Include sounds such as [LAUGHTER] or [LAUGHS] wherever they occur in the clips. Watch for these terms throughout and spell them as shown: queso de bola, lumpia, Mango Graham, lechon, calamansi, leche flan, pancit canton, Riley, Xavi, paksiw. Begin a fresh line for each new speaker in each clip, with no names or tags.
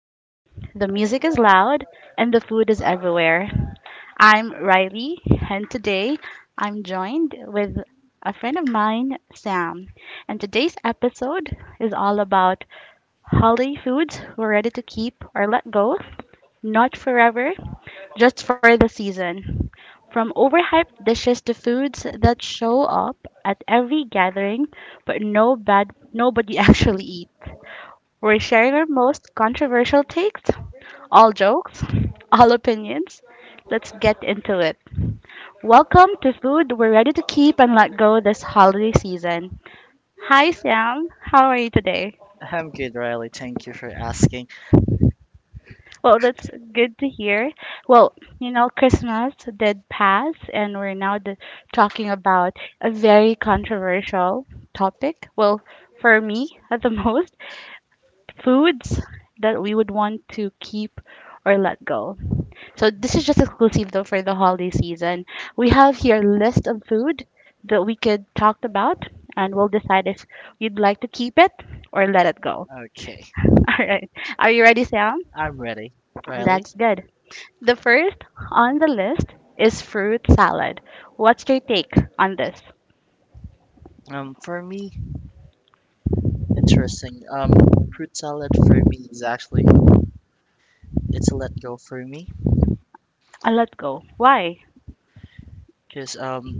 are up, the music is loud, and the food is everywhere. I'm Riley, and today I'm joined with a friend of mine, Sam. And today's episode is all about holiday foods we're ready to keep or let go, not forever, just for the season. From overhyped dishes to foods that show up at every gathering, but no bad nobody [LAUGHS] actually eats. We're sharing our most controversial takes, all jokes, [LAUGHS] all opinions. Let's get into it. Welcome to Food We're Ready to Keep and Let Go this holiday season. Hi Sam, how are you today?
I'm good, Riley. Thank you for asking.
Well, that's good to hear. Well, you know, Christmas did pass, and we're now d talking about a very controversial topic. Well, for me, [LAUGHS] at the most, foods that we would want to keep or let go. So this is just exclusive though for the holiday season. We have here a list of food that we could talk about, and we'll decide if you'd like to keep it or let it go.
Okay,
[LAUGHS] All right. Are you ready, Sam?
I'm ready. Riley?
That's good. The first on the list is fruit salad. What's your take on this?
For me, interesting. Fruit salad for me is actually it's a let go for me
I'll let go. Why?
because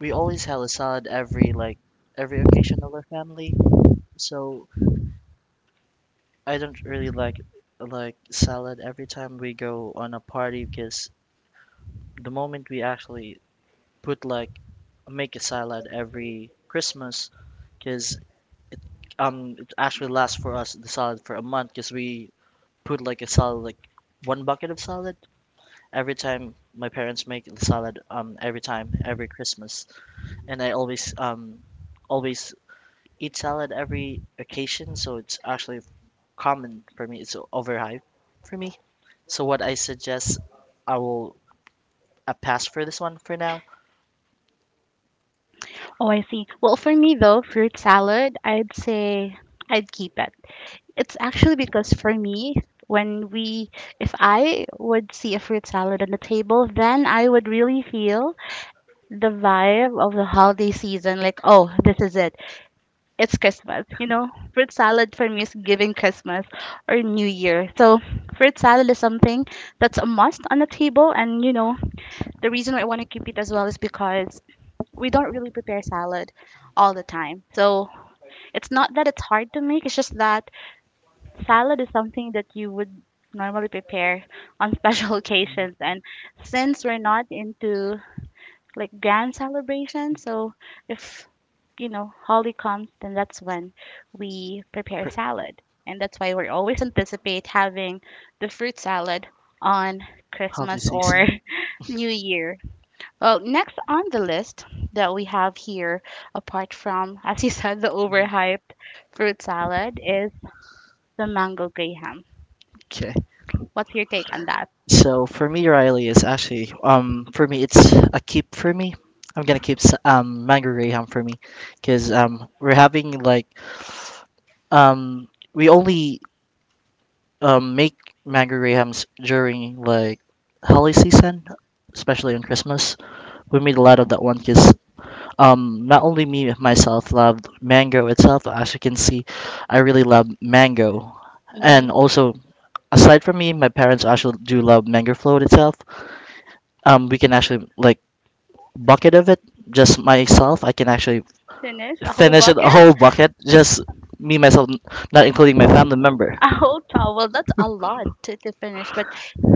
we always have a salad every like every occasion of our family. So I don't really like salad every time we go on a party because the moment we actually put like make a salad every Christmas because it it actually lasts for us the salad for a month because we put like a salad like one bucket of salad every time my parents make the salad every time every Christmas and I always eat salad every occasion, so it's actually common for me, it's overhyped for me. So what I suggest, I will pass for this one for now.
Oh, I see. Well, for me though, fruit salad, I'd say I'd keep it. It's actually because for me, when we, if I would see a fruit salad on the table, then I would really feel the vibe of the holiday season. Like, oh, this is it. It's Christmas. You know, fruit salad for me is giving Christmas or New Year. So, fruit salad is something that's a must on the table. And, you know, the reason why I want to keep it as well is because we don't really prepare salad all the time. So, it's not that it's hard to make, it's just that salad is something that you would normally prepare on [LAUGHS] special occasions. And since we're not into like grand celebration. So if you know Holly comes, then that's when we prepare
Per-
salad, and that's why we always anticipate having the fruit salad on
how do
Christmas or [LAUGHS] New Year. Well, next on the list that we have here, apart from [LAUGHS] as you said the overhyped fruit salad, is the mango graham.
Okay.
What's your take on that?
So for me, Riley, is actually for me it's a keep for me. I'm gonna keep Mango Graham for me, because we're having like um we only make Mango Grahams during like holiday season, especially on Christmas. We made a lot of that one because not only me myself loved mango itself. As you can see, I really love mango,
Hmm.
and also aside from me, my parents actually do love mango float itself. We can actually like bucket of it, just myself. I can actually
Finish a whole
finish it a
bucket?
whole bucket, just me myself, not including my family member.
A whole towel. That's a lot to finish. But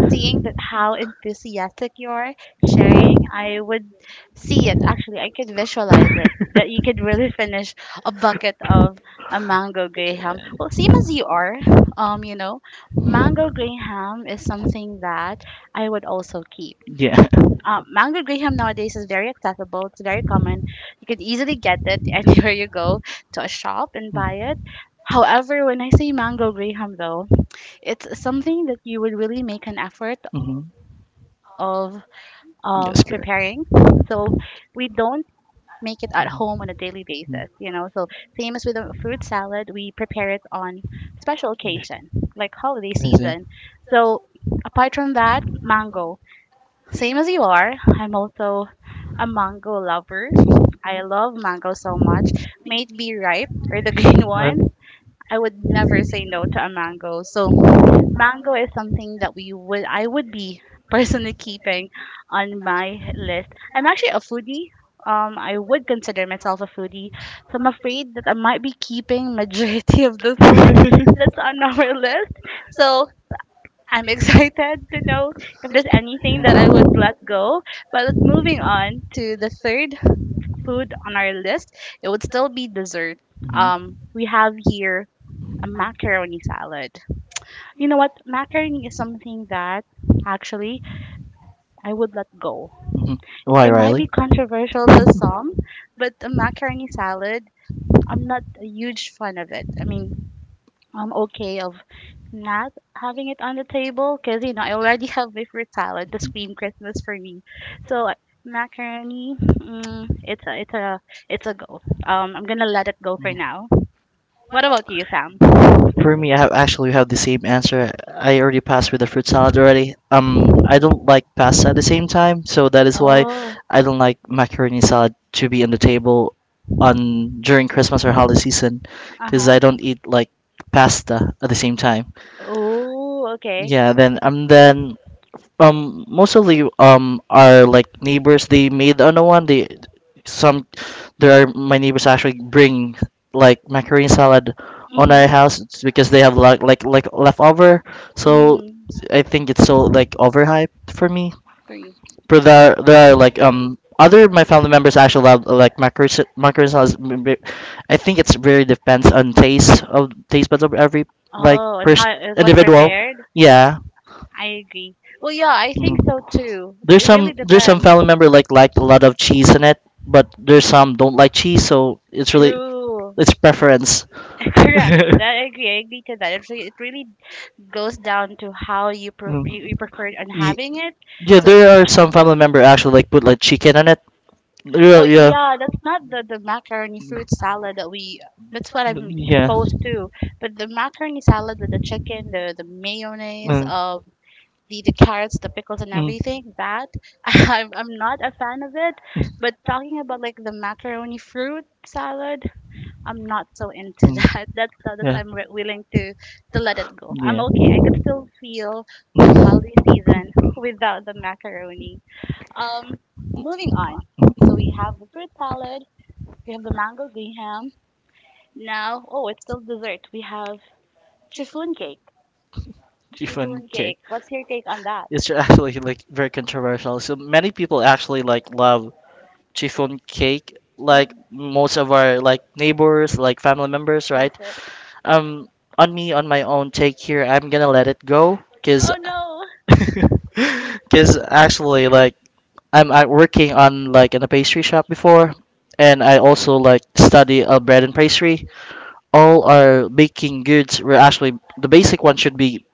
seeing that how enthusiastic you are sharing, I would see it. Actually, I could visualize it. That you could really [LAUGHS] finish a bucket of a mango graham. Well, same as you are. You know, mango graham is something that I would also keep.
Yeah.
Mango graham nowadays is very accessible. It's very common. You could easily get it [LAUGHS] anywhere you go to a shop and buy it.
Mm-hmm.
However, when I say mango graham, though, it's something that you would really make an effort of
Yes, correct.
preparing. So we don't make
Mm-hmm.
it at home on a daily
Mm-hmm.
basis, you know. So same as with a fruit salad, we prepare it on special occasion, like holiday
Is it?
season. So apart from that, mango. Same as you are. I'm also a mango lover. I love mango so much. May it be ripe or the [LAUGHS] green
What?
one. I would never say no to a mango. So mango is something that we would I would be personally keeping on my list. I'm actually a foodie. I would consider myself a foodie. So I'm afraid that I might be keeping majority [LAUGHS] of the food that's on
[LAUGHS]
our list. So I'm [LAUGHS] excited to know if there's anything that I would let go. But moving on to the third food on our list, it would still be dessert.
Mhm.
We have here a macaroni salad. You know what? Macaroni is something that actually I would let go.
Mhm. Why,
It might be
Riley?
controversial to
Mhm,
some, but a macaroni salad, I'm not a huge fan of it. I mean, I'm okay of not having it on the table because you know I already [LAUGHS] have my fruit salad to scream Christmas for me. So macaroni, it's a it's a go. I'm gonna let it go for
mhm.
now. What about you, Sam?
For me, I have actually have the same answer. I already passed with the fruit salad already. I don't like pasta at the same time, so that is why
Oh,
I don't like macaroni salad to be on the table on during Christmas or holiday season,
uh
because
huh.
I don't eat like pasta at the same time.
Oh, okay.
Yeah, then most of the are like neighbors. They made another one. They some there are my neighbors actually bring like macaroni salad on our
Mhm.
house, it's because they have like leftover. So
Mm,
I think it's so like overhyped for me.
green.
But there are like other my family members actually love like macaroni salad. I think it's very depends on taste of taste buds of every like
Oh, and
person
how it was
individual.
prepared?
Yeah.
I agree. Well, yeah, I think
Mm-hmm.
so too.
There's
It really
some there's some
depends.
family member like a lot of cheese in it, but there's some don't like cheese, so it's really
True.
it's preference. [LAUGHS]
[LAUGHS] Correct. That I agree. I agree to that. It really goes down to how you
Mm.
you preferred on
Y-
having it.
yeah,
So,
there are some family member actually like put like chicken on it. Yeah,
oh
yeah,
yeah, that's not the macaroni fruit salad that we. That's what I'm
yeah.
exposed to. But the macaroni salad with the chicken, the mayonnaise,
Mm,
the carrots, the pickles, and
mm,
everything. That [LAUGHS] I'm not a fan of it. But
mm,
talking about like the macaroni fruit salad, I'm not so into [LAUGHS]
mm,
that. That's
yeah,
I'm willing to let it go. I'm
yeah.
okay. I could still feel the
[LAUGHS]
holiday season without the macaroni. Um, Moving on. So we have the fruit salad. We have the mango green ham. Now, oh, it's still dessert. We have chiffon cake.
Chiffon
Chiffon
cake.
cake. What's your take on that?
It's actually like very controversial. So many people actually like love chiffon cake like most of our like
Mhm.
neighbors, like family members, right?
That's it.
Um on me, on my own take here, I'm gonna let it go
Oh no!
because [LAUGHS] actually like I'm working on like in a pastry shop before, and I also like study bread and pastry. All our baking goods were actually the basic one should be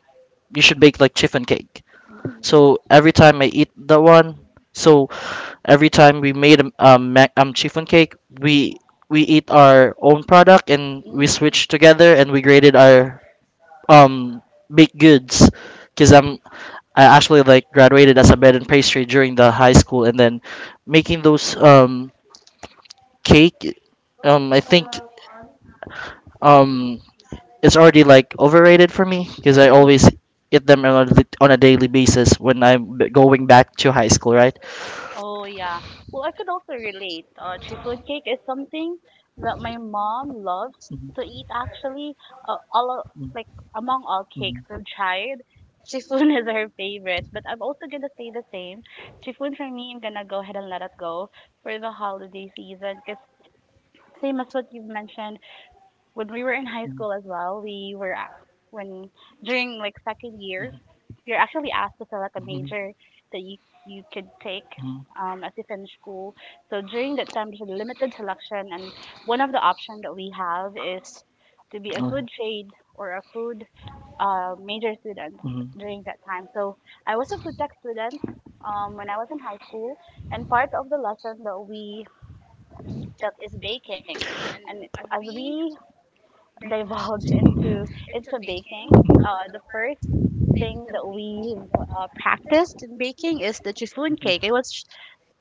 you should bake like chiffon cake. So
[LAUGHS]
every time I eat that one, so every time we made chiffon cake, we eat our own product and we
Mm.
switched together and we graded our um baked goods. Cause I actually like graduated as a bed and pastry during the high school, and then making those cake, I think um it's already like overrated for me because I
Mhm.
always eat them on a daily basis when I'm going back to high school, right?
Oh yeah. Well, I could also relate. Chiffon cake is something that my mom
Mhm. Mhm. Mhm. Mhm. Mhm.
loves
Mhm. Mhm. Oh,
to eat. Actually, like among all cakes we've tried, chiffon [LAUGHS] is her favorite. But I'm also gonna say the same. Chiffon for me, I'm gonna go ahead and let it go for the holiday season. Cause same as what you've mentioned, when we were in high school as well, we were asked when during like second year, you're actually asked to select a major that you could take as you finish school. So during that time, there's a limited selection, and one of the options that we have is to be a
yeah.
food trade or a food major student
Mhm.
during that time. So I was a food tech student when I was in high school, and part of the lesson that we took is baking. And as we divulge into baking. The first thing that we've practiced in baking is the chiffon cake. It was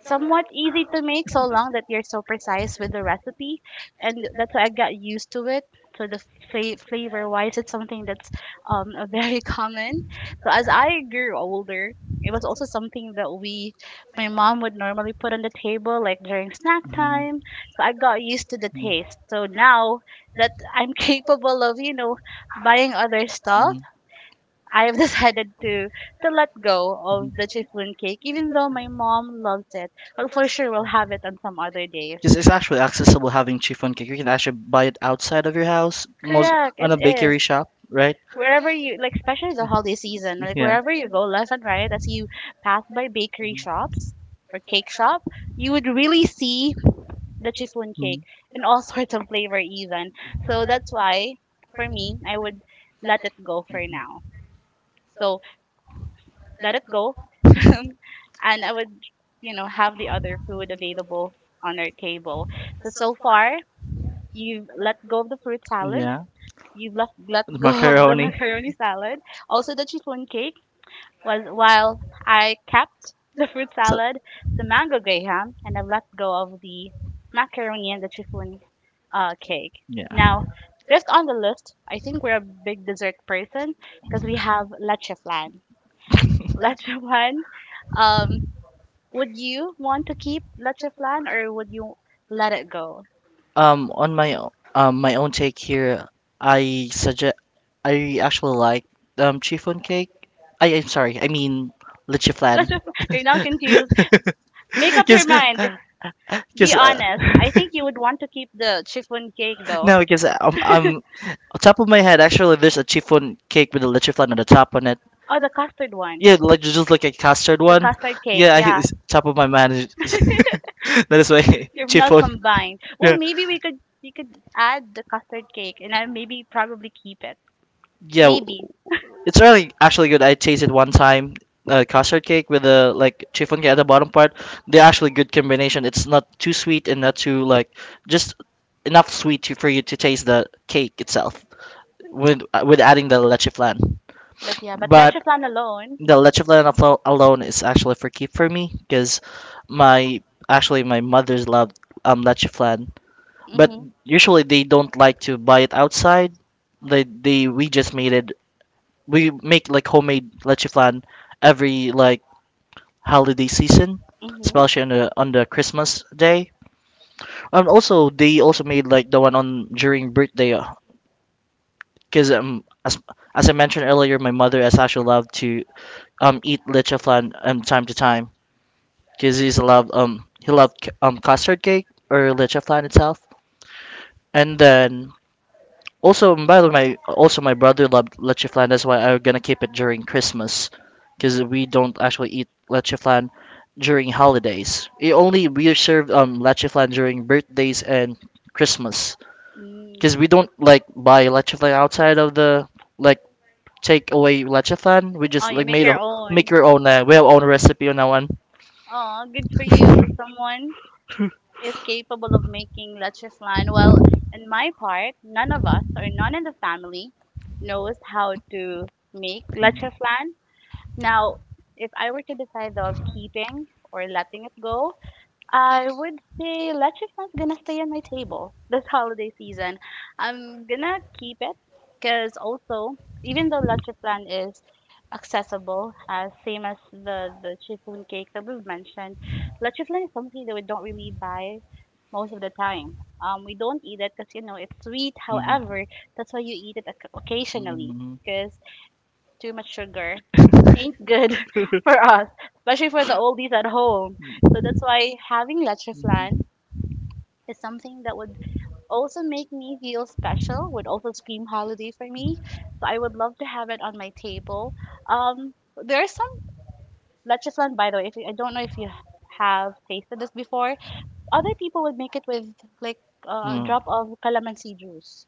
somewhat easy to make so long that you're so precise with the recipe, and that's why I got used to it. So the flavor wise, it's something that's [LAUGHS] very common. So as I grew older, it was also something that we my mom would normally put on the table like during snack
Mhm.
time, so I got used to the
Mhm.
taste. So now that I'm [LAUGHS] capable of, you know, buying other stuff,
Mhm.
I have [LAUGHS] decided to let go of the chiffon cake, even though my mom loves it. But for sure we'll have it on some other days.
Because it's actually accessible having chiffon cake. You can actually buy it outside of your house,
Correct, it is.
shop, right?
Wherever you like, especially the holiday season, like wherever you go, left and right, as you pass by bakery shops or cake shop, you would really see the chiffon cake
Mhm.
in all [LAUGHS] sorts of flavor, even. So that's why, for me, I would let it go for now. So let it go [LAUGHS] and I would, you know, have the other food available on our table. So so far, you've let go of the fruit salad, you've left let [LAUGHS] go of the macaroni
[LAUGHS]
salad. Also, the chiffon cake was while I kept the fruit salad, the mango graham, and I've let go of the macaroni and the chiffon cake.
yeah.
Now, fifth on the list, I think we're a big dessert person because we have leche flan. [LAUGHS] Leche flan. Um, would you want to keep Lacheflan or would you let it go?
On my my own take here, I suggest I actually like chiffon cake. I'm sorry, I mean leche
[LAUGHS]
flan.
Lacheflan,
[LAUGHS]
you're now confused. Make up your
Just,
mind. Be
just
honest. I think you would want to keep the chiffon cake
[LAUGHS]
though.
no, because
[LAUGHS]
on top of my head actually there's a chiffon cake with a leche flan on the top on it.
Oh, the custard one.
Yeah, like just like a custard
The
one.
custard cake,
Yeah, I,
yeah.
it's top of my mind. [LAUGHS] That is why [LAUGHS]
You've not
chiffon.
combined.
Yeah,
Well, maybe we could add the custard cake and I maybe probably keep it.
yeah.
Maybe.
It's really actually good. I tasted one time custard cake with the like chiffon cake at the bottom part. They're actually good combination. It's not too sweet and not too like just enough sweet to, for you to taste the cake itself with adding the leche flan.
But yeah, but
But
Lacheflan alone.
the alone is actually for keep for me because my actually my mother's love leche flan. But
Mhm.
usually they don't like to buy it outside. They we just made it, we make like homemade leche flan every like holiday season,
Mhm.
especially on the Christmas day. And also they also made like the one on during birthday, because as I mentioned earlier, my mother has actually loved to eat leche flan time to time because he's loved he loved custard cake or leche flan itself. And then also, by the way, my also my brother loved leche flan. That's why I'm gonna keep it during Christmas, because we don't actually eat leche flan during holidays. It only we serve leche flan during birthdays and Christmas,
Mm.
because we don't like buy leche flan outside of the like take away leche flan. We just
Oh, you
like
make
made a
your own.
make your own. We have own recipe on that one.
Oh, good for you. Someone is capable of making leches line. Well, in my part, none of us or none in the family knows how to make leches line. Now, if I were to decide though of keeping or letting it go, I would say electric fan's gonna stay on my table this holiday season. I'm gonna keep it because also, even though electric fan is accessible, same as the chiffon cake that we've mentioned, electric fan is something that we don't really buy most of the time. We don't eat it because you know it's sweet.
Mhm.
However, that's why you eat it occasionally because too much sugar ain't good [LAUGHS] for us, especially for the oldies at home. So
Mhm.
that's why having leche
Mhm.
flan is something that would also make me feel special, would also scream holiday for me. So I would love to have it on my table. Um, there is some leche flan. By the way, if you, I don't know if you have tasted this before. Other people would make it with like a
Mm.
drop of calamansi juice.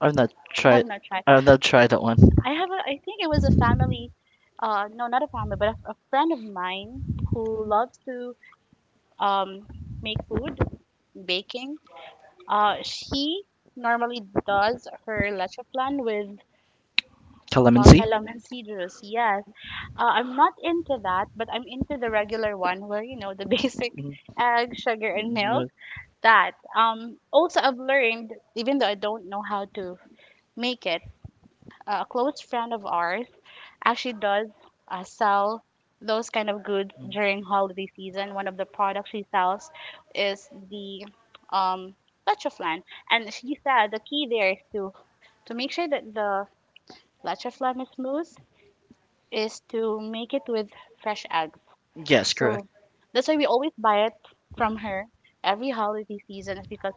I've not
You have
tried.
not tried.
I've not tried that one.
I have. A, I think it was a family no, not a family, but a friend of mine who loves to um, make food, baking. She normally does her leche flan with
Calamansi.
calamansi juice. Yes, I'm not into that, but I'm into the regular one where you know the [LAUGHS] basic
Mm.
egg, sugar, and milk.
Right.
That also I've learned, even though I don't know how to make it, a close friend of ours actually does sell those kind of goods during
Mm.
holiday season. One of the products she sells is the um, leche flan, and she said the key there is to make sure that the leche flan is smooth is to make it with fresh eggs.
Yes,
Yes.
correct.
So that's why we always buy it from her every holiday season is because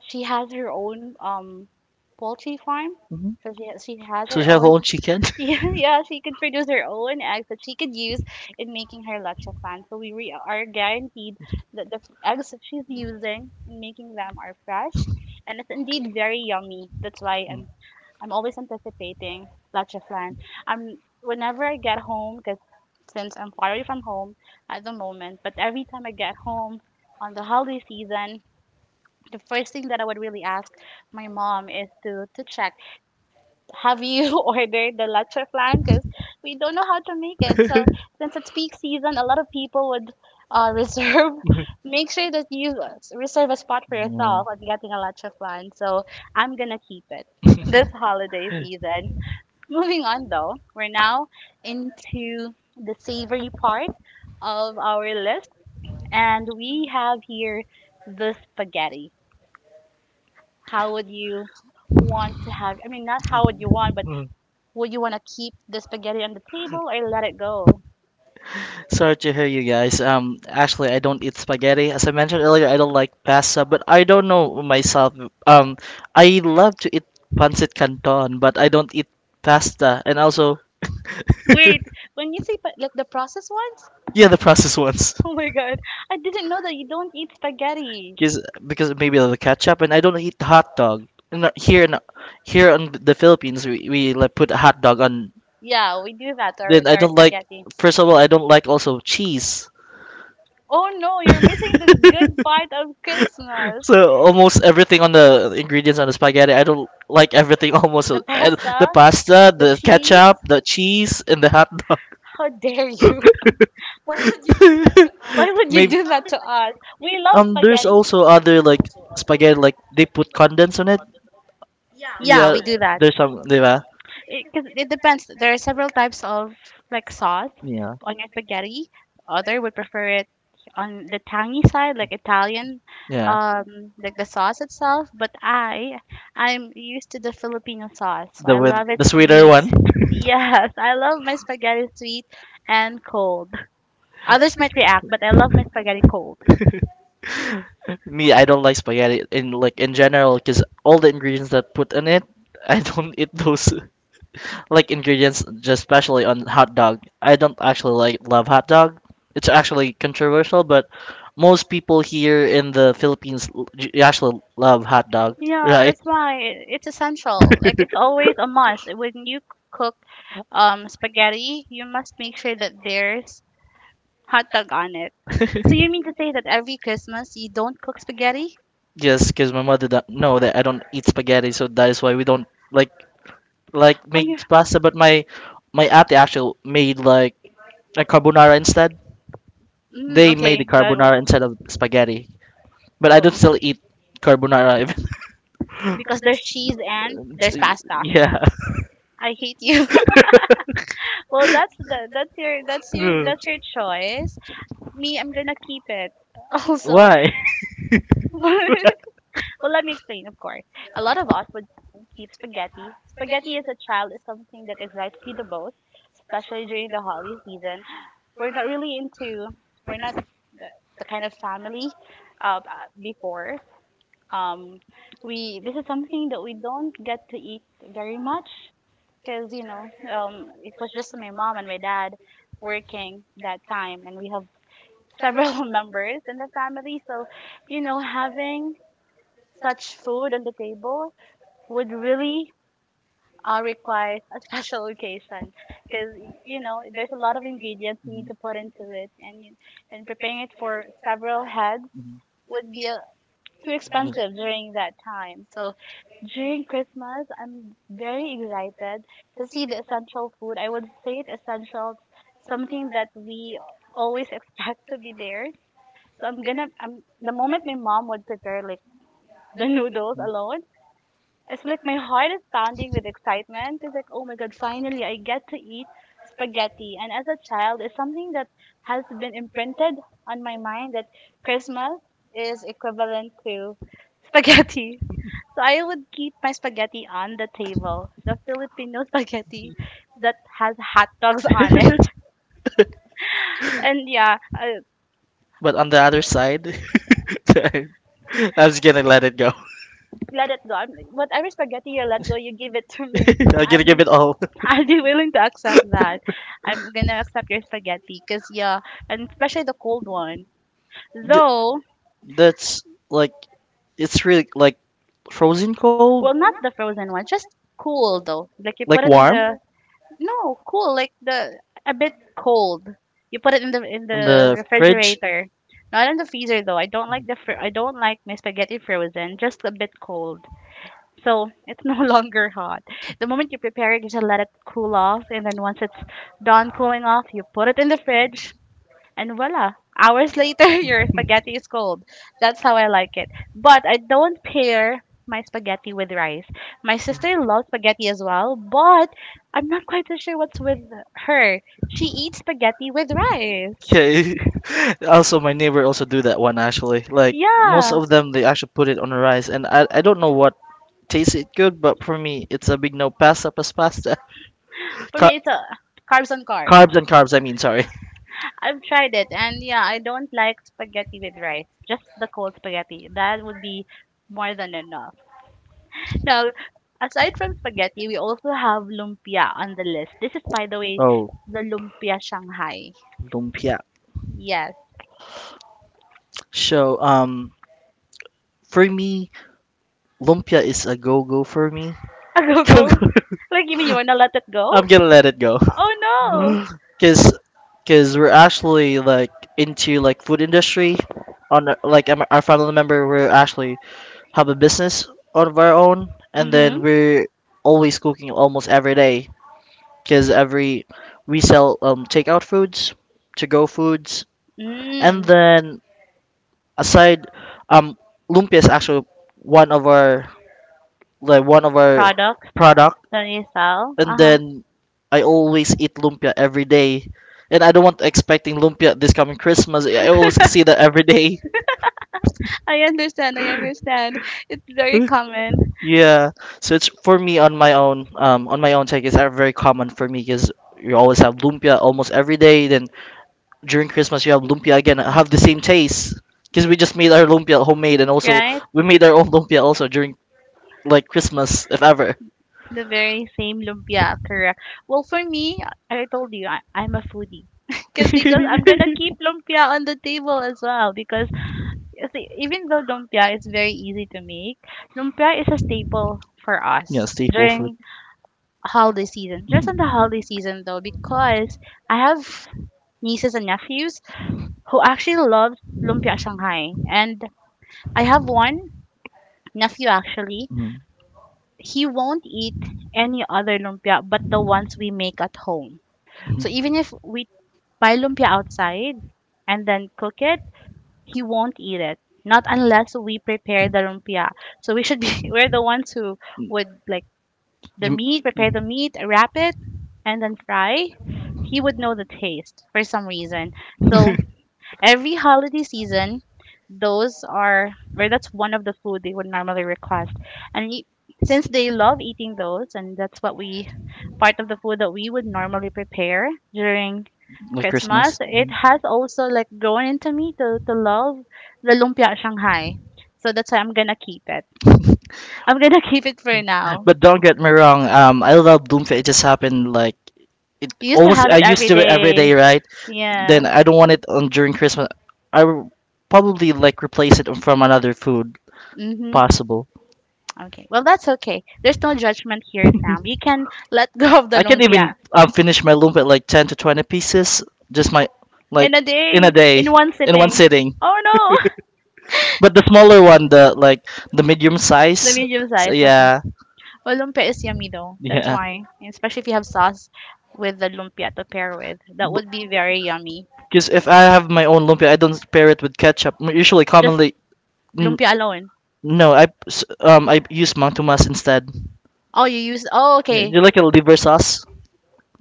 she has her own poultry farm.
Hmm.
So she has
So
her
you have
own
own chicken. [LAUGHS]
yeah, [LAUGHS] yeah, she could produce her own eggs that she could use in making her leche flan. So we re are guaranteed that the eggs that she's using in making them are fresh, and it's indeed very yummy. That's why I'm always anticipating leche flan. Whenever I get home, because since I'm far away from home at the moment, but every time I get home on the holiday season, the first thing that I would really ask my mom is to check have you [LAUGHS] ordered the leche flan? Because we don't know how to make it. So since it's peak season, a lot of people would [LAUGHS] reserve. Make sure that you reserve a spot for
Mm.
yourself on getting a leche flan. So I'm gonna keep it [LAUGHS] this holiday season. Moving on though, we're now into the savory part of our list, and we have here the spaghetti. How would you want to have? I mean, not how would you want, but would you want to keep the spaghetti on the table or let it go?
Sorry to hear you guys. Actually, I don't eat spaghetti. As I mentioned earlier, I don't like pasta, but I don't know myself. Um, I love to eat pancit canton, but I don't eat pasta, and also, [LAUGHS]
Wait, when you say like the processed ones?
yeah,
Yeah,
the
the processed.
processed ones.
Oh my god, I didn't know that you don't eat spaghetti.
Because maybe the ketchup, and I don't eat hot dog. And here in here in the Philippines, we like put a hot dog on.
Yeah, we do that to
Then
to
I don't
our
don't like.
spaghetti.
First of all, I don't like also cheese.
Oh no, you're missing the [LAUGHS] good part of
[LAUGHS]
Christmas.
So almost everything on the ingredients on the spaghetti, I don't like everything [LAUGHS] almost.
The
And the
pasta,
pasta,
the
the
cheese.
ketchup, the cheese, and the hot dog.
How dare you? [LAUGHS] Why would you do
[LAUGHS]
that to us? We
Maybe
love spaghetti.
there's also other like spaghetti, like they put condensed on it.
Yeah, we
Yeah,
do that.
there's some, diba?
Because cause it depends. There are several types of sauce
Yeah,
on your spaghetti. Other would prefer it on the tangy side, like Italian,
yeah.
like the sauce itself. I'm used to the Filipino sauce, so
The
I
with
love it
the sweeter
sweet.
one.
Yes, I love my spaghetti sweet and cold. Others might react, but I love my spaghetti cold.
[LAUGHS] Me, I don't like spaghetti in like in general, cause all the ingredients that put in it, [LAUGHS] I don't eat those. Like ingredients, just especially on hot dog. I don't actually like love hot dog. It's actually controversial, but most people here in the Philippines actually love hot dog,
Yeah,
right?
that's why it's essential. Like it's always a must when you cook spaghetti you must make sure that there's hot dog on it. So
[LAUGHS]
you mean to say that every Christmas you don't cook spaghetti?
Yes, because my mother don't know that I don't eat spaghetti, so that is why we don't like like
Oh, you.
make pasta. But my auntie actually made like a carbonara instead.
Mm,
They made the
okay. That,
carbonara instead of spaghetti, but I don't
oh,
still eat carbonara even.
because there's cheese and there's
[LAUGHS]
pasta.
yeah.
I hate you. [LAUGHS] Well, that's
True.
that's your choice. Me, I'm gonna keep it. [LAUGHS] Also,
Why?
[LAUGHS] well, let me explain. Of course, a lot of us would keep spaghetti. Spaghetti as a child is something that excites me the most, especially during the holiday season. we're not really into we're not the, the kind of family uh, uh, before um we this is something that we don't get to eat very much because you know it was just my mom and my dad working that time and we have several [LAUGHS] members in the family so you know having such food on the table would really requires a special occasion because you know there's a lot of ingredients you need to put into it, and and preparing it for several heads
[LAUGHS]
would be too expensive during that time. So during Christmas, I'm very excited to see the essential food. I would say it essential, something that we always [LAUGHS] expect to be there. So I'm the moment my mom would prepare like the noodles alone, it's like my heart is pounding with excitement. It's like, oh my god, finally I get to eat spaghetti. And as a child, it's something that has been imprinted on my mind that Christmas is equivalent to spaghetti. [LAUGHS] So I would keep my spaghetti on the table, the Filipino [LAUGHS] spaghetti that has hot dogs on it. [LAUGHS] And yeah,
But on the other side, [LAUGHS] I'm just gonna let it go. [LAUGHS]
let it go. Whatever spaghetti you let go, you give it to me.
I'm
I'm
gonna give it all.
[LAUGHS] I'll be willing to accept that. I'm gonna accept your spaghetti, cause yeah, and especially the cold one.
J-
Though,
That's like it's really like frozen cold,
well, not the frozen one, just cool though. Like you put
like
it in
warm
the no cool, like the a bit cold. You put it in the in
in
the
the fridge.
refrigerator, not in the freezer though. I don't like the I don't like my spaghetti frozen, just a bit cold. So it's no [LAUGHS] longer hot. The moment you prepare it, you just let it cool off, and then once it's done cooling off, you put it in the fridge, and voila! Hours later, [LAUGHS] your spaghetti is cold. That's how I like it. But I don't pair my spaghetti with rice. My sister loves spaghetti as well, but I'm not quite so sure what's with her. She eats spaghetti with rice.
Okay. [LAUGHS] Also, my neighbor also do that one actually. Like most
Yeah,
of them, they actually put it on rice, and I don't know what tastes it good, but for me, it's a big no. Pasta plus pasta. [LAUGHS]
for
Car-
me, it's a carbs on carbs.
carbs and carbs. I mean, sorry.
I've tried it, and yeah, I don't like spaghetti with rice. Just the cold spaghetti. That would be more than enough. Now, aside from spaghetti,
[LAUGHS]
we also have lumpia on the list. This is, by the way,
Oh,
the lumpia Shanghai.
lumpia.
Yes.
So, for me, lumpia is a go go for me.
[LAUGHS] Go,
[LAUGHS]
go.
Go-go.
Like, you mean you wanna let it go?
I'm gonna let it go.
Oh
Cause, cause we're actually like into like food industry. On our- like our family member, we're actually have a business of our own,
no.
and
Mhm.
then we're always cooking almost every day. Cause every we sell takeout foods, to go foods, and
Mm.
then aside, um lumpia is actually one of our like one of our
Products
product.
that you sell. Uh
And
huh.
then I always eat lumpia every day. And I don't want expecting lumpia this coming Christmas. I always see that every day.
I understand. I understand. It's very
[LAUGHS]
common.
Yeah. So it's for me on my own. On my own take, it's very common for me because you always have lumpia almost every day. Then during Christmas, you have lumpia again. I have the same taste because we just made our lumpia homemade, and also
Right?
we made our own [LAUGHS] lumpia also during like Christmas, if ever.
The very same lumpia, correct. Well, for me, I told you, I'm a foodie. [LAUGHS] Because
[LAUGHS]
I'm gonna keep lumpia on the table as well. Because you see, even though lumpia is very easy to make, lumpia is a staple for
yeah,
us
staple food.
during holiday season. Just on the holiday season though, because I have nieces and nephews who actually love lumpia Shanghai, and I have one nephew actually
Mhm,
he won't eat any other lumpia but the ones we make at home.
mhm,
So even if we buy lumpia outside and then cook it, he won't eat it. Not unless we prepare the lumpia. So we should be [LAUGHS] we're the ones who
mhm.
would the
You
meat, prepare the meat, wrap it, and then fry. He would know the taste for some reason. So
[LAUGHS]
every holiday season, or that's one of the food they would normally request. And since they love eating those, and part of the food that we would normally prepare during
like
Christmas,
Christmas.
it
Mhm.
has also like grown into me to love the lumpia Shanghai. So that's why I'm gonna keep it. I'm gonna [LAUGHS] keep it for now.
But don't get me wrong. I love Bloomfield. It just happened like it
We used to
almost.
have
I
it
used
every
to it every
day.
day, right?
Yeah.
Then I don't want it on during Christmas. I will probably like replace it from another food,
Mhm.
possible.
Okay. Well, that's okay. There's no judgment here, Sam. You can let go of the
I can
lumpia.
even finish my lumpia like 10 to 20 pieces, just my,
In
like,
a
in a
day,
day,
in one
in one
sitting.
sitting.
Oh no! [LAUGHS]
But the smaller one, the medium
The
size,
medium
so,
size, okay.
yeah,
Well, lumpia is yummy though. That's
yeah.
why. Especially if you have sauce with the lumpia to pair with. That would be very yummy.
Because if I have my own lumpia, I don't pair it with ketchup. Usually,
Just
commonly, n-
lumpia alone.
no, I use mantumas instead.
Oh, you use. Oh,
Yeah,
okay.
you like a liver sauce.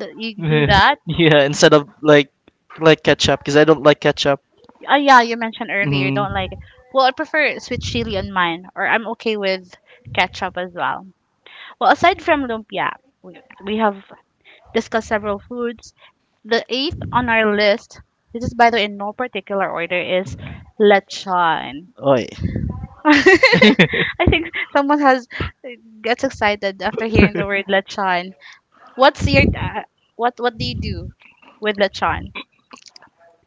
Th- You do
Yeah,
that?
yeah, instead of like ketchup, because I don't like ketchup.
Yeah, you mentioned earlier you
Mm,
don't like it. Well, I prefer sweet chili on mine, or I'm okay with ketchup as well. Well, aside from lumpia, we have discussed several foods. The eighth on our list, this is by the way in no particular order, is lechon.
oi.
[LAUGHS] I think someone has uh,
[LAUGHS]
gets excited after hearing the word lechon. What's your what do you do with lechon?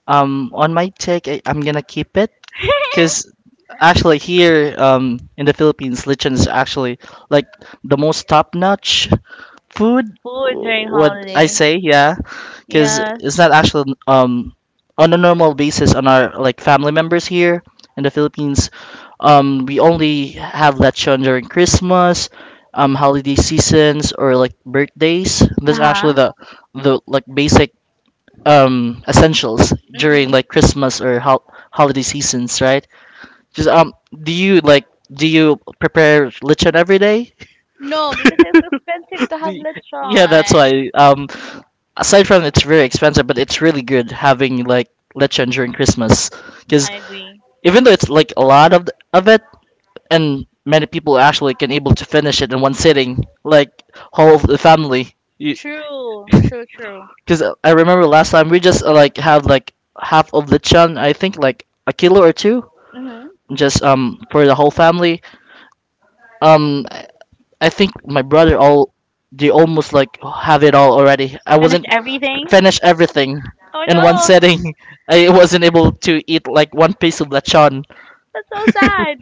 On my take, I'm gonna keep it.
[LAUGHS]
Because actually here in the Philippines, lechon is actually like the most top-notch food.
Food during
What I
holiday.
say, yeah, because
Yes.
it's not actually on a normal basis on our like family members here in the Philippines. We only have lechon during Christmas, holiday seasons, or like birthdays. That's actually
Uh-huh.
the like basic essentials during like
Mm-hmm.
Christmas or holiday seasons, right? Just do you prepare lechon every day?
No, because it's expensive to
Do
have
you- yeah,
lechon.
that's why. Aside from it's very expensive, but it's really good having like lechon during Christmas because
I agree.
even though it's like a lot of it, and many people actually can able to finish it in one sitting, like whole of the family. Because
True, true, true.
I remember last time we just like had like half of lechon, I think like a kilo or two,
Mm-hmm.
just for the whole family. Um, I think my brother all they almost like have it all already. I
Finished
wasn't
everything.
finish everything
Oh
in one
no,
setting. [LAUGHS] I wasn't able to eat like one piece of lechon.
that's so sad.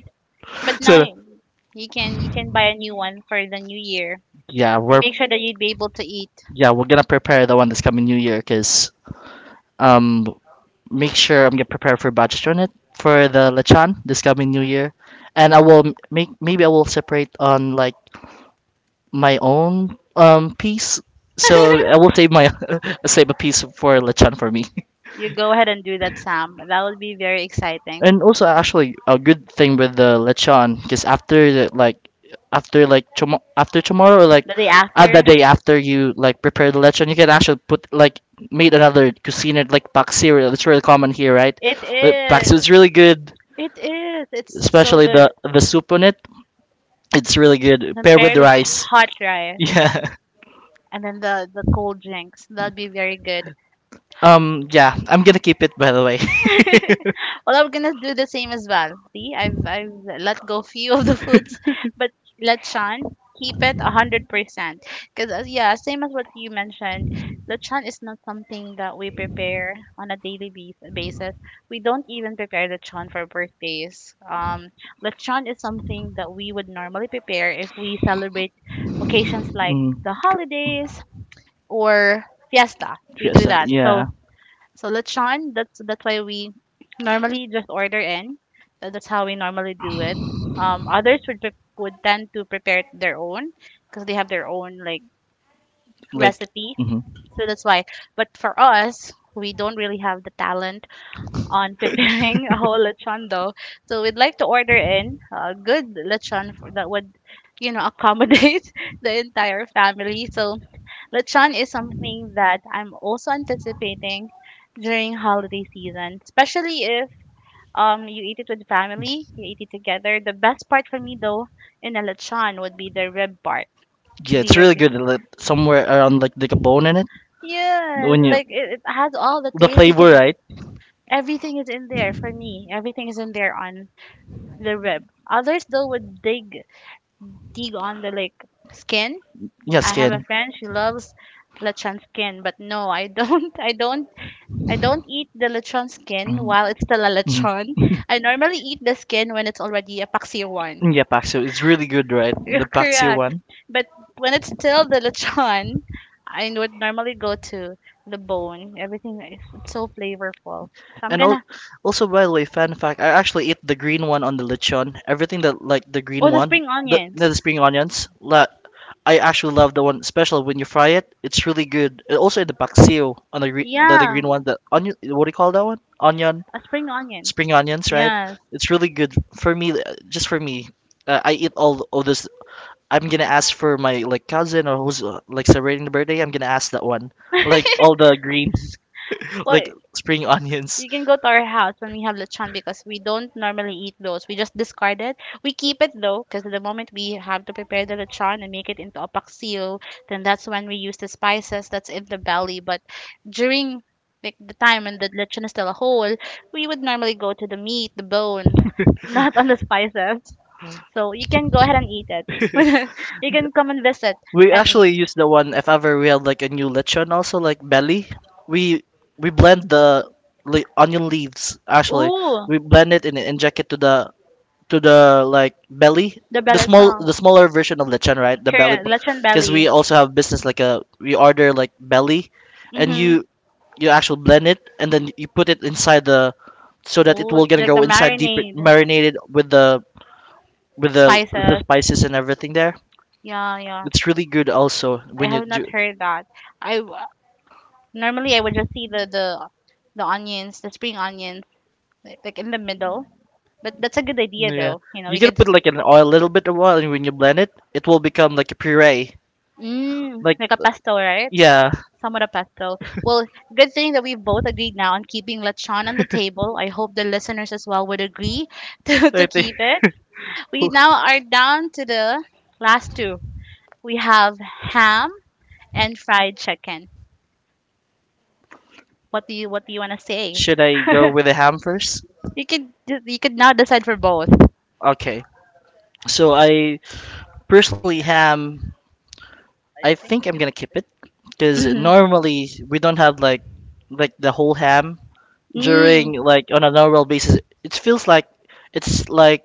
But
[LAUGHS]
now
So
you you can buy a new one for the new year
yeah,
and
we're,
make sure that you'd be able to eat.
yeah, we're gonna prepare the one this coming New Year because um make sure I'm gonna prepare for budget on it for the lechon this coming New Year, and I will make maybe I will separate on like my own piece. So I will save
[LAUGHS]
my [LAUGHS] save a piece for lechon for me.
You go ahead and do that, Sam. That would be very exciting.
And also, actually, a good thing with the lechon, because after the like, after like after tomorrow, or like,
The day
at the
after.
day after you like prepare the lechon, you can actually put like made another cuisine like paksiw. It's really common here, right?
It
The Paksiw
is.
is really good,
It is. It's so
especially
good.
the soup on it. It's really good
And
paired with
paired with
rice.
hot rice
Yeah. [LAUGHS]
and then the cold drinks. That'd be very good.
Yeah. I'm gonna keep it by the way. [LAUGHS]
[LAUGHS] Well, we're gonna do the same as well. See, I've let go few of the foods, but lechon, keep it 100%. Cause as, yeah, same as what you mentioned, lechon is not something that we prepare on a daily basis. We don't even prepare lechon for birthdays. Lechon is something that we would normally prepare if we celebrate occasions like
mm,
the holidays or fiesta. We do
Fiesta,
that. So
yeah.
so lechon, that's why we normally just order in. That's how we normally do it. Others would would tend to prepare it their own because they have their own like
Like.
recipe.
Mhm.
So that's why. But for us, we don't really have the talent on [LAUGHS] preparing a whole lechon though. So we'd like to order in a good lechon for, that would, you know, accommodate [LAUGHS] the entire family. So lechon is something that I'm also anticipating during holiday season, especially if you eat it with family, you eat it together. The best part for me though in a lechon would be the rib part.
Yeah,
Do
it's
you
really
agree?
good. Like, somewhere around like a bone in it.
Yes,
When you
like it has all the
The
taste you can.
flavor, right?
Everything is in there for me. Everything is in there on the rib. Others though would dig on the like skin.
Yeah,
I have a
skin.
friend, she loves lechon skin, but no, I don't. [LAUGHS] I don't I
Mhm.
don't eat the lechon skin while it's still a
Mhm.
lechon.
[LAUGHS]
I normally eat the skin when it's already a paksiw one.
Yeah, Paxio. It's really good, right?
[LAUGHS]
The
You're
Paxio
correct.
one.
But when it's still the lechon, I would normally go to the bone. Everything is, it's so flavorful. So I'm
And
gonna.
also, by the way, fun fact: I actually ate the green one on the lechon. Everything that like the green
Oh, the
one,
spring
the
onions.
the spring onions. I actually love the one, especially when you fry it. It's really good. And also in the Paxio on the green, the
Yeah,
green one, the onion. What do you call that one? Onion.
a spring onion.
Spring onions, right?
Yes.
It's really good for me. Just for me, I eat all this. I'm gonna ask for my like cousin or who's like celebrating the birthday. I'm gonna ask that one, like [LAUGHS] all the green, [LAUGHS]
Well,
like spring onions.
you can go to our house when we have lechon because we don't normally eat those. We just discard it. We keep it though, because the moment we have to prepare the lechon and make it into apaksiw, then that's when we use the spices that's in the belly. But during like the time when the lechon is still a whole, we would normally go to the meat, the bone, [LAUGHS] not on the spices. So you can go ahead and eat it. [LAUGHS] You can come and visit
We
and eat.
actually use the one if ever we had like a new lechon, also like belly. We we blend the onion leaves actually.
Ooh,
We blend it and inject it to the like belly, the
the
the belly.
ballet song.
The smaller version of lechon, right? The belly,
Correct, lechon
because
belly.
we also have business like a we order like belly, and
Mm-hmm.
you actually blend it and then you put it inside the so that it
Ooh,
will
it's
gonna
like the
go inside deeper
marinade.
marinated with the
Spices.
spices and everything there.
Yeah, yeah.
It's really good also
I
when you
have
do,
not heard that. I w- Normally I would just see the onions, the spring onions, like in the middle. But that's a good idea
yeah.
though. You know,
You
we
gotta
could.
put like an oil, a little bit of oil, and when you blend it, it will become like a puree.
Mm,
Like,
like a pesto, right?
yeah,
Somewhat a pastel. Well, good thing that we've both agreed now on keeping lechon on the table. I hope the listeners as well would agree [LAUGHS]
I
to
think.
keep it. We now are down to the
[LAUGHS]
last two. We have ham and fried chicken. What do you want to say?
Should I go with the ham first?
[LAUGHS] You can, you could now decide for both.
Okay. So I personally ham. I think I'm gonna keep it because
Hmm.
normally we don't have like the whole ham
Mm.
during like on a normal basis. It feels like it's like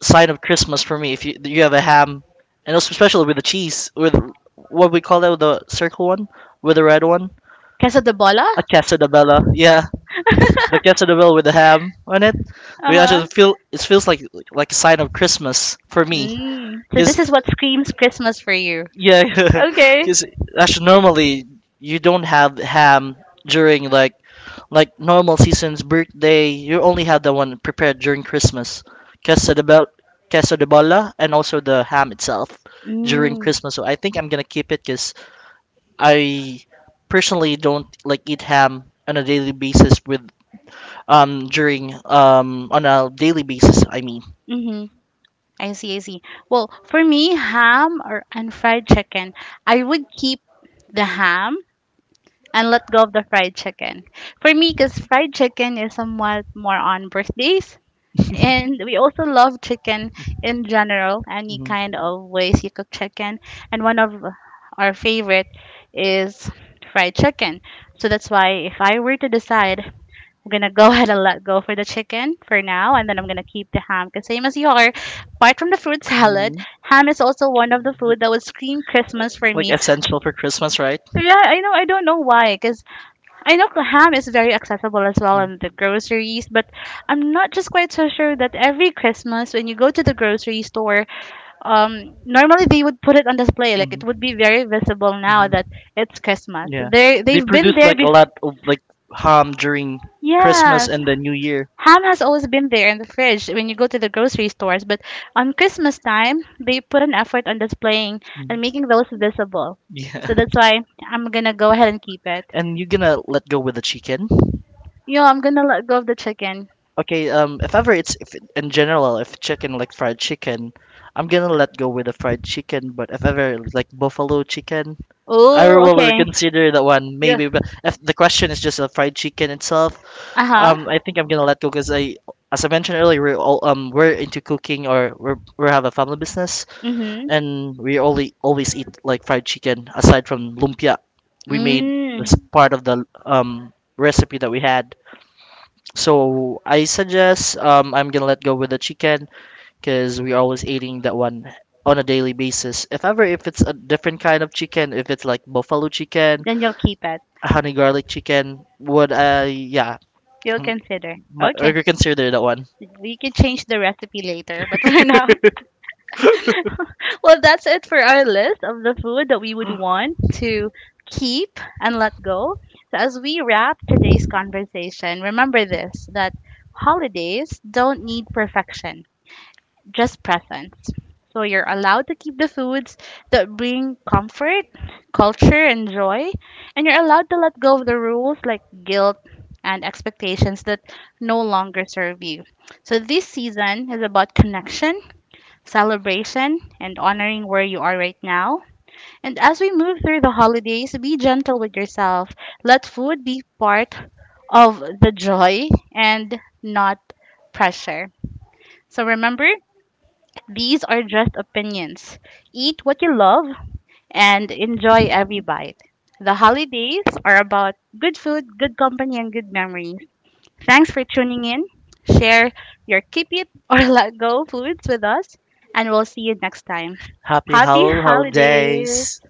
sign of Christmas for me if you have a ham and also especially with the cheese with what we call it the circle one with the red one,
Casa de Bola?
a quesadilla, yeah, the quesadilla with the ham on it. We
Uh-huh.
actually feel it feels like a sign of Christmas for me
Mm. So this
because
is what screams Christmas for you.
yeah. [LAUGHS]
Okay.
Because actually normally you don't have ham during like normal season's birthday. You only have the one prepared during Christmas, queso de bel, queso de bola, and also the ham itself during
Mm,
Christmas. So I think I'm gonna keep it because I personally don't like eat ham on a daily basis with during on a daily basis. I mean.
mm-hmm. I see, I see. Well, for me, ham or and fried chicken, I would keep the ham and let go of the fried chicken. For me, because fried chicken is somewhat more on birthdays,
[LAUGHS]
and we also love chicken in general, any
Mhm.
kind of ways you cook chicken. And one of our favorite is fried chicken. So that's why, if I were to decide, I'm gonna go [LAUGHS] ahead and let go for the chicken for now, and then I'm gonna keep the ham. Cause same as you are, apart from the fruit salad,
Mhm.
ham is also one of the food that would scream Christmas for
Like
me.
essential for Christmas, right?
Yeah, I know. I don't know why, because I know ham is very accessible as well in the groceries, but I'm not just quite so sure that every Christmas when you go to the grocery store, normally they would put it on display. Like
Hmm.
it would be very visible now that it's Christmas.
Yeah,
They
they
they've been
produce
there
like a
before.
lot of like ham during Christmas
Yes,
and the New Year.
ham has always been there in the fridge when you go to the grocery stores, but on Christmas time, they put an effort on displaying and
Mhm.
making those visible.
Yeah,
So that's
[LAUGHS]
why I'm gonna go ahead and keep it.
and you gonna let go with the chicken?
Yo, I'm gonna let go of the chicken.
Okay, if ever it's if it- in general, if chicken like fried chicken, I'm gonna let go with the fried chicken. But if ever like buffalo chicken, I
Oh,
will
okay.
reconsider that one
Yeah.
maybe. But if the question is just a fried chicken itself,
Uh huh.
I think I'm gonna let go because I, as I mentioned earlier, we're all we're into cooking or we have a family business,
Mhm.
and we only always eat like fried chicken aside from lumpia we made
Mm.
this part of the recipe that we had. So I suggest I'm gonna let go with the chicken because we're always eating that one on a daily basis if ever if it's a different kind of chicken if it's like buffalo chicken
Then you'll keep it.
honey garlic chicken would I, yeah,
You'll
m-
consider. Okay.
reconsider that one.
We can change the recipe later, but for now, [LAUGHS] well, that's it for our list of the food that we would want to keep and let go. So, as we wrap today's conversation, remember this, that holidays don't need perfection, just presence. So you're allowed to keep the foods that bring comfort, culture, and joy, and you're allowed to let go of the rules like guilt and expectations that no longer serve you. So this season is about connection, celebration, and honoring where you are right now. And as we move through the holidays, be gentle with yourself. Let food be part of the joy and not pressure. So remember, these are just opinions. Eat what you love and enjoy every bite. The holidays are about good food, good company, and good memories. Thanks for tuning in. Share your keep it or [LAUGHS] let go foods with us, and we'll see you next time.
Happy
Happy holidays!
holidays.